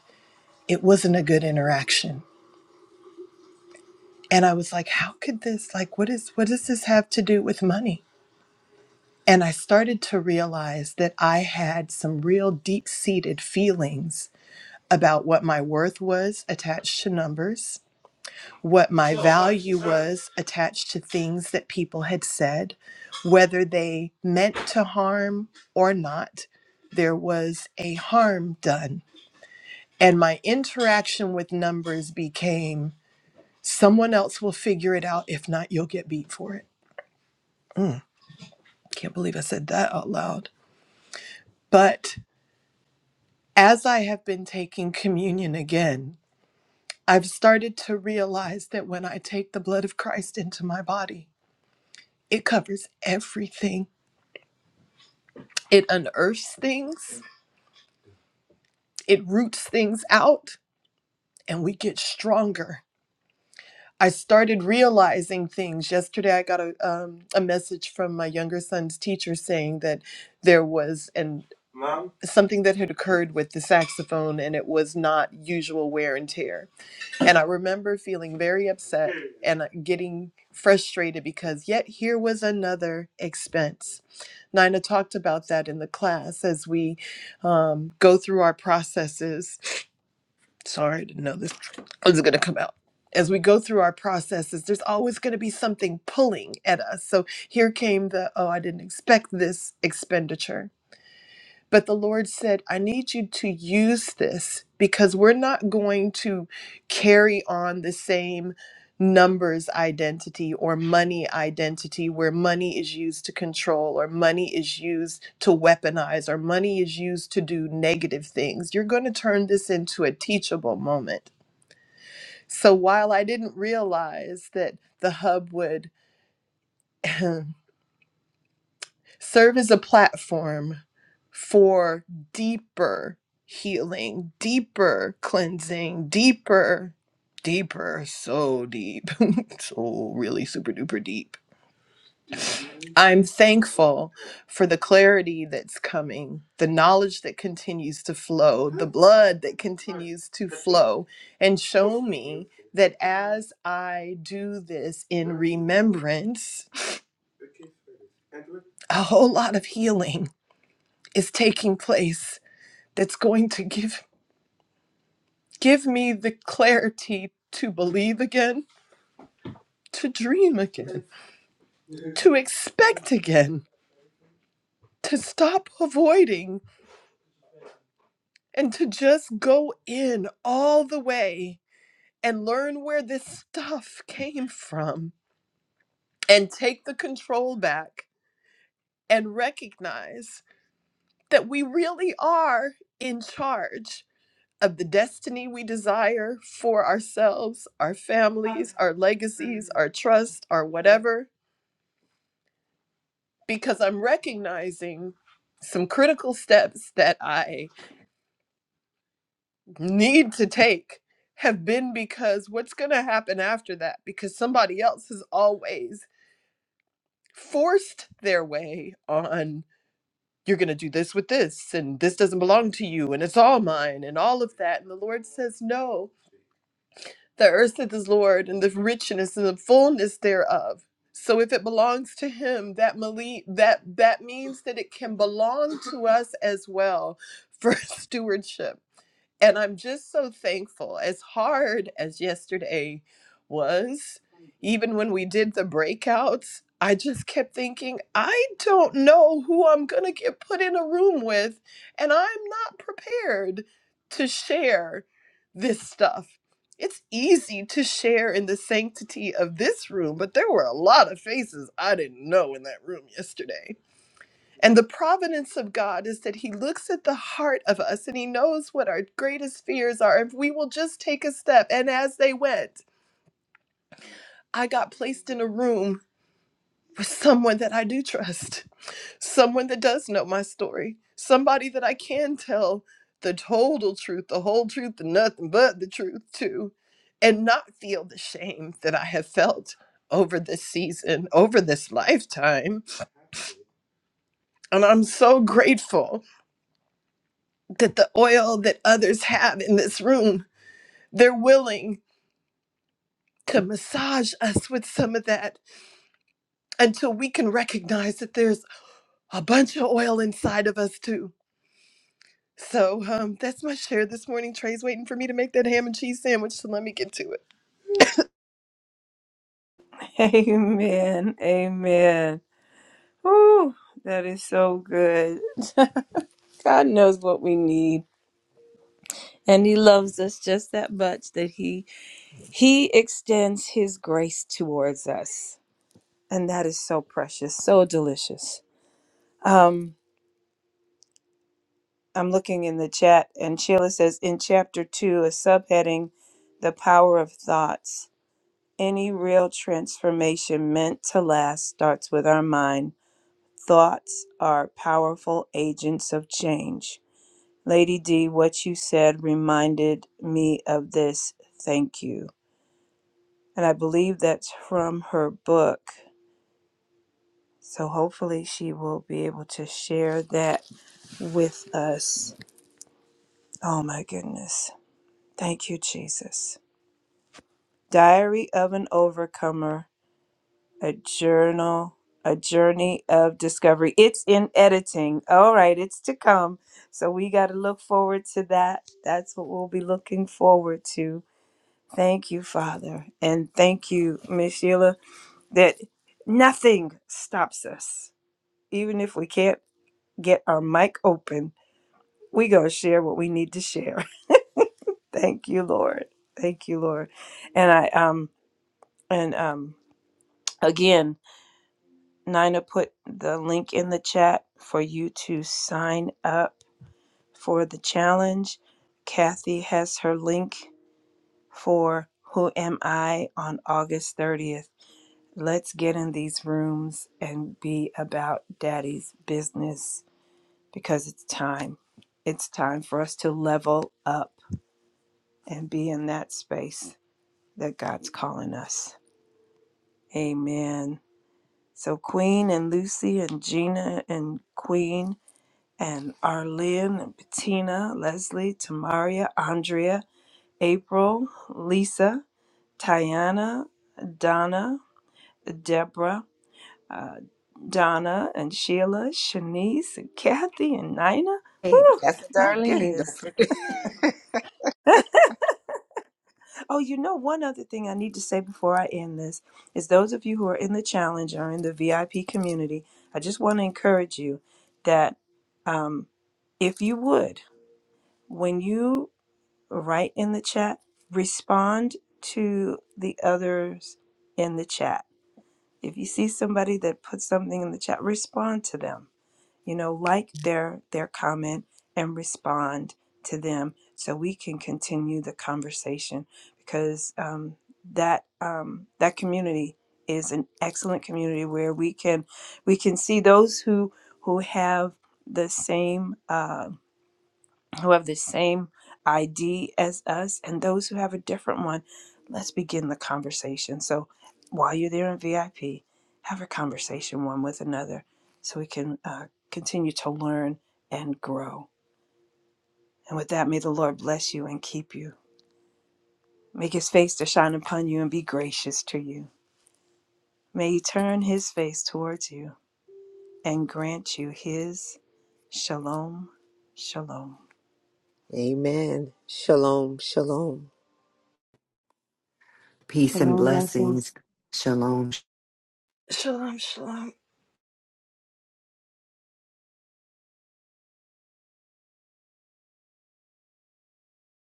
S5: it wasn't a good interaction. And I was like, how could this, like, what is, what does this have to do with money? And I started to realize that I had some real deep seated feelings about what my worth was attached to numbers what my value was attached to things that people had said, whether they meant to harm or not. There was a harm done. And my interaction with numbers became someone else will figure it out. If not, you'll get beat for it. Can't believe I said that out loud. But as I have been taking communion again, I've started to realize that when I take the blood of Christ into my body, it covers everything It unearths things, it roots things out, and we get stronger. I started realizing things. Yesterday, I got a, um, a message from my younger son's teacher saying that there was an, something that had occurred with the saxophone and it was not usual wear and tear. And I remember feeling very upset and uh, getting frustrated because yet here was another expense. Nina talked about that in the class as we um, go through our processes Sorry, I didn't know this was going to come out. As we go through our processes, there's always going to be something pulling at us. So here came the, oh, I didn't expect this expenditure but the Lord said, I need you to use this because we're not going to carry on the same numbers identity or money identity where money is used to control or money is used to weaponize or money is used to do negative things. You're going to turn this into a teachable moment. So while I didn't realize that the hub would. *laughs* *clears throat* serve as a platform for deeper healing, deeper cleansing, deeper, deeper, so deep, *laughs* so really super duper deep. I'm thankful for the clarity that's coming, the knowledge that continues to flow, the blood that continues to flow, and show me that as I do this in remembrance, a whole lot of healing is taking place that's going to give give me the clarity to believe again, to dream again, to expect again, to stop avoiding and to just go in all the way and learn where this stuff came from and take the control back and recognize that we really are in charge of the destiny we desire for ourselves, our families, our legacies, our trust, our whatever because I'm recognizing some critical steps that I need to take have been because what's going to happen after that? Because somebody else has always forced their way on, you're going to do this with this, and this doesn't belong to you, and it's all mine, and all of that. And the Lord says, no The earth is his Lord, and the richness and the fullness thereof. So if it belongs to him, that mali- that that means that it can belong to us as well for *laughs* stewardship. And I'm just so thankful. As hard as yesterday was, even when we did the breakouts, I just kept thinking, I don't know who I'm going to get put in a room with, and I'm not prepared to share this stuff. It's easy to share in the sanctity of this room, but there were a lot of faces I didn't know in that room yesterday and the providence of God is that He looks at the heart of us and He knows what our greatest fears are if we will just take a step. And as they went, I got placed in a room with someone that I do trust, someone that does know my story, somebody that I can tell the total truth, the whole truth, and nothing but the truth to, and not feel the shame that I have felt over this season, over this lifetime. And I'm so grateful that the oil that others have in this room, they're willing to massage us with some of that until we can recognize that there's a bunch of oil inside of us too. So um, that's my share this morning. Trey's waiting for me to make that ham and cheese sandwich, so let me get to it.
S1: *laughs* Amen. Amen. Woo, that is so good. *laughs* God knows what we need, and He loves us just that much that He He extends His grace towards us, and that is so precious, so delicious. Um. I'm looking in the chat, and Sheila says in chapter two, a subheading, The Power of Thoughts. Any real transformation meant to last starts with our mind. Thoughts are powerful agents of change. Lady D, what you said reminded me of this. Thank you. And I believe that's from her book. So hopefully she will be able to share that with us. Oh my goodness. Thank you, Jesus. Diary of an Overcomer, a journal, a journey of discovery. It's in editing. All right, it's to come. So we got to look forward to that. That's what we'll be looking forward to. Thank you, Father. And thank you, Miss Sheila, that nothing stops us. Even if we can't get our mic open, we going to share what we need to share. *laughs* Thank you, Lord. Thank you, Lord. And I, um, and, um, again, Nina put the link in the chat for you to sign up for the challenge. Kathy has her link for Who Am I on August 30th. Let's get in these rooms and be about daddy's business because it's time. It's time for us to level up and be in that space that God's calling us. Amen. So, Queen and Lucy and Gina and Queen. and Arlene and Bettina, Leslie, Tamaria, Andrea, April, Lisa, Tiana, Donna, Deborah, uh, Donna and Sheila, Shanice and Kathy and Nina.
S2: Hey,
S1: Woo!
S2: that's
S1: My
S2: Darlene. Don't
S1: goodness.
S2: forget.
S1: Oh, you know, one other thing I need to say before I end this is those of you who are in the challenge or in the VIP community, I just want to encourage you that um, if you would, when you write in the chat, respond to the others in the chat. If you see somebody that puts something in the chat, respond to them. You know, like their their comment and respond to them so we can continue the conversation because um, that um, that community is an excellent community where we can we can see those who who have the same Uh, who have the same ID as us and those who have a different one, let's begin the conversation. So while you're there in VIP, have a conversation one with another so we can uh, continue to learn and grow. And with that, may the Lord bless you and keep you. Make his face to shine upon you and be gracious to you. May he turn his face towards you and grant you his shalom, shalom.
S2: *laughs* Amen. Shalom. Shalom.
S3: Peace and
S4: Shalom blessings.
S3: blessings. Shalom.
S5: Shalom, shalom.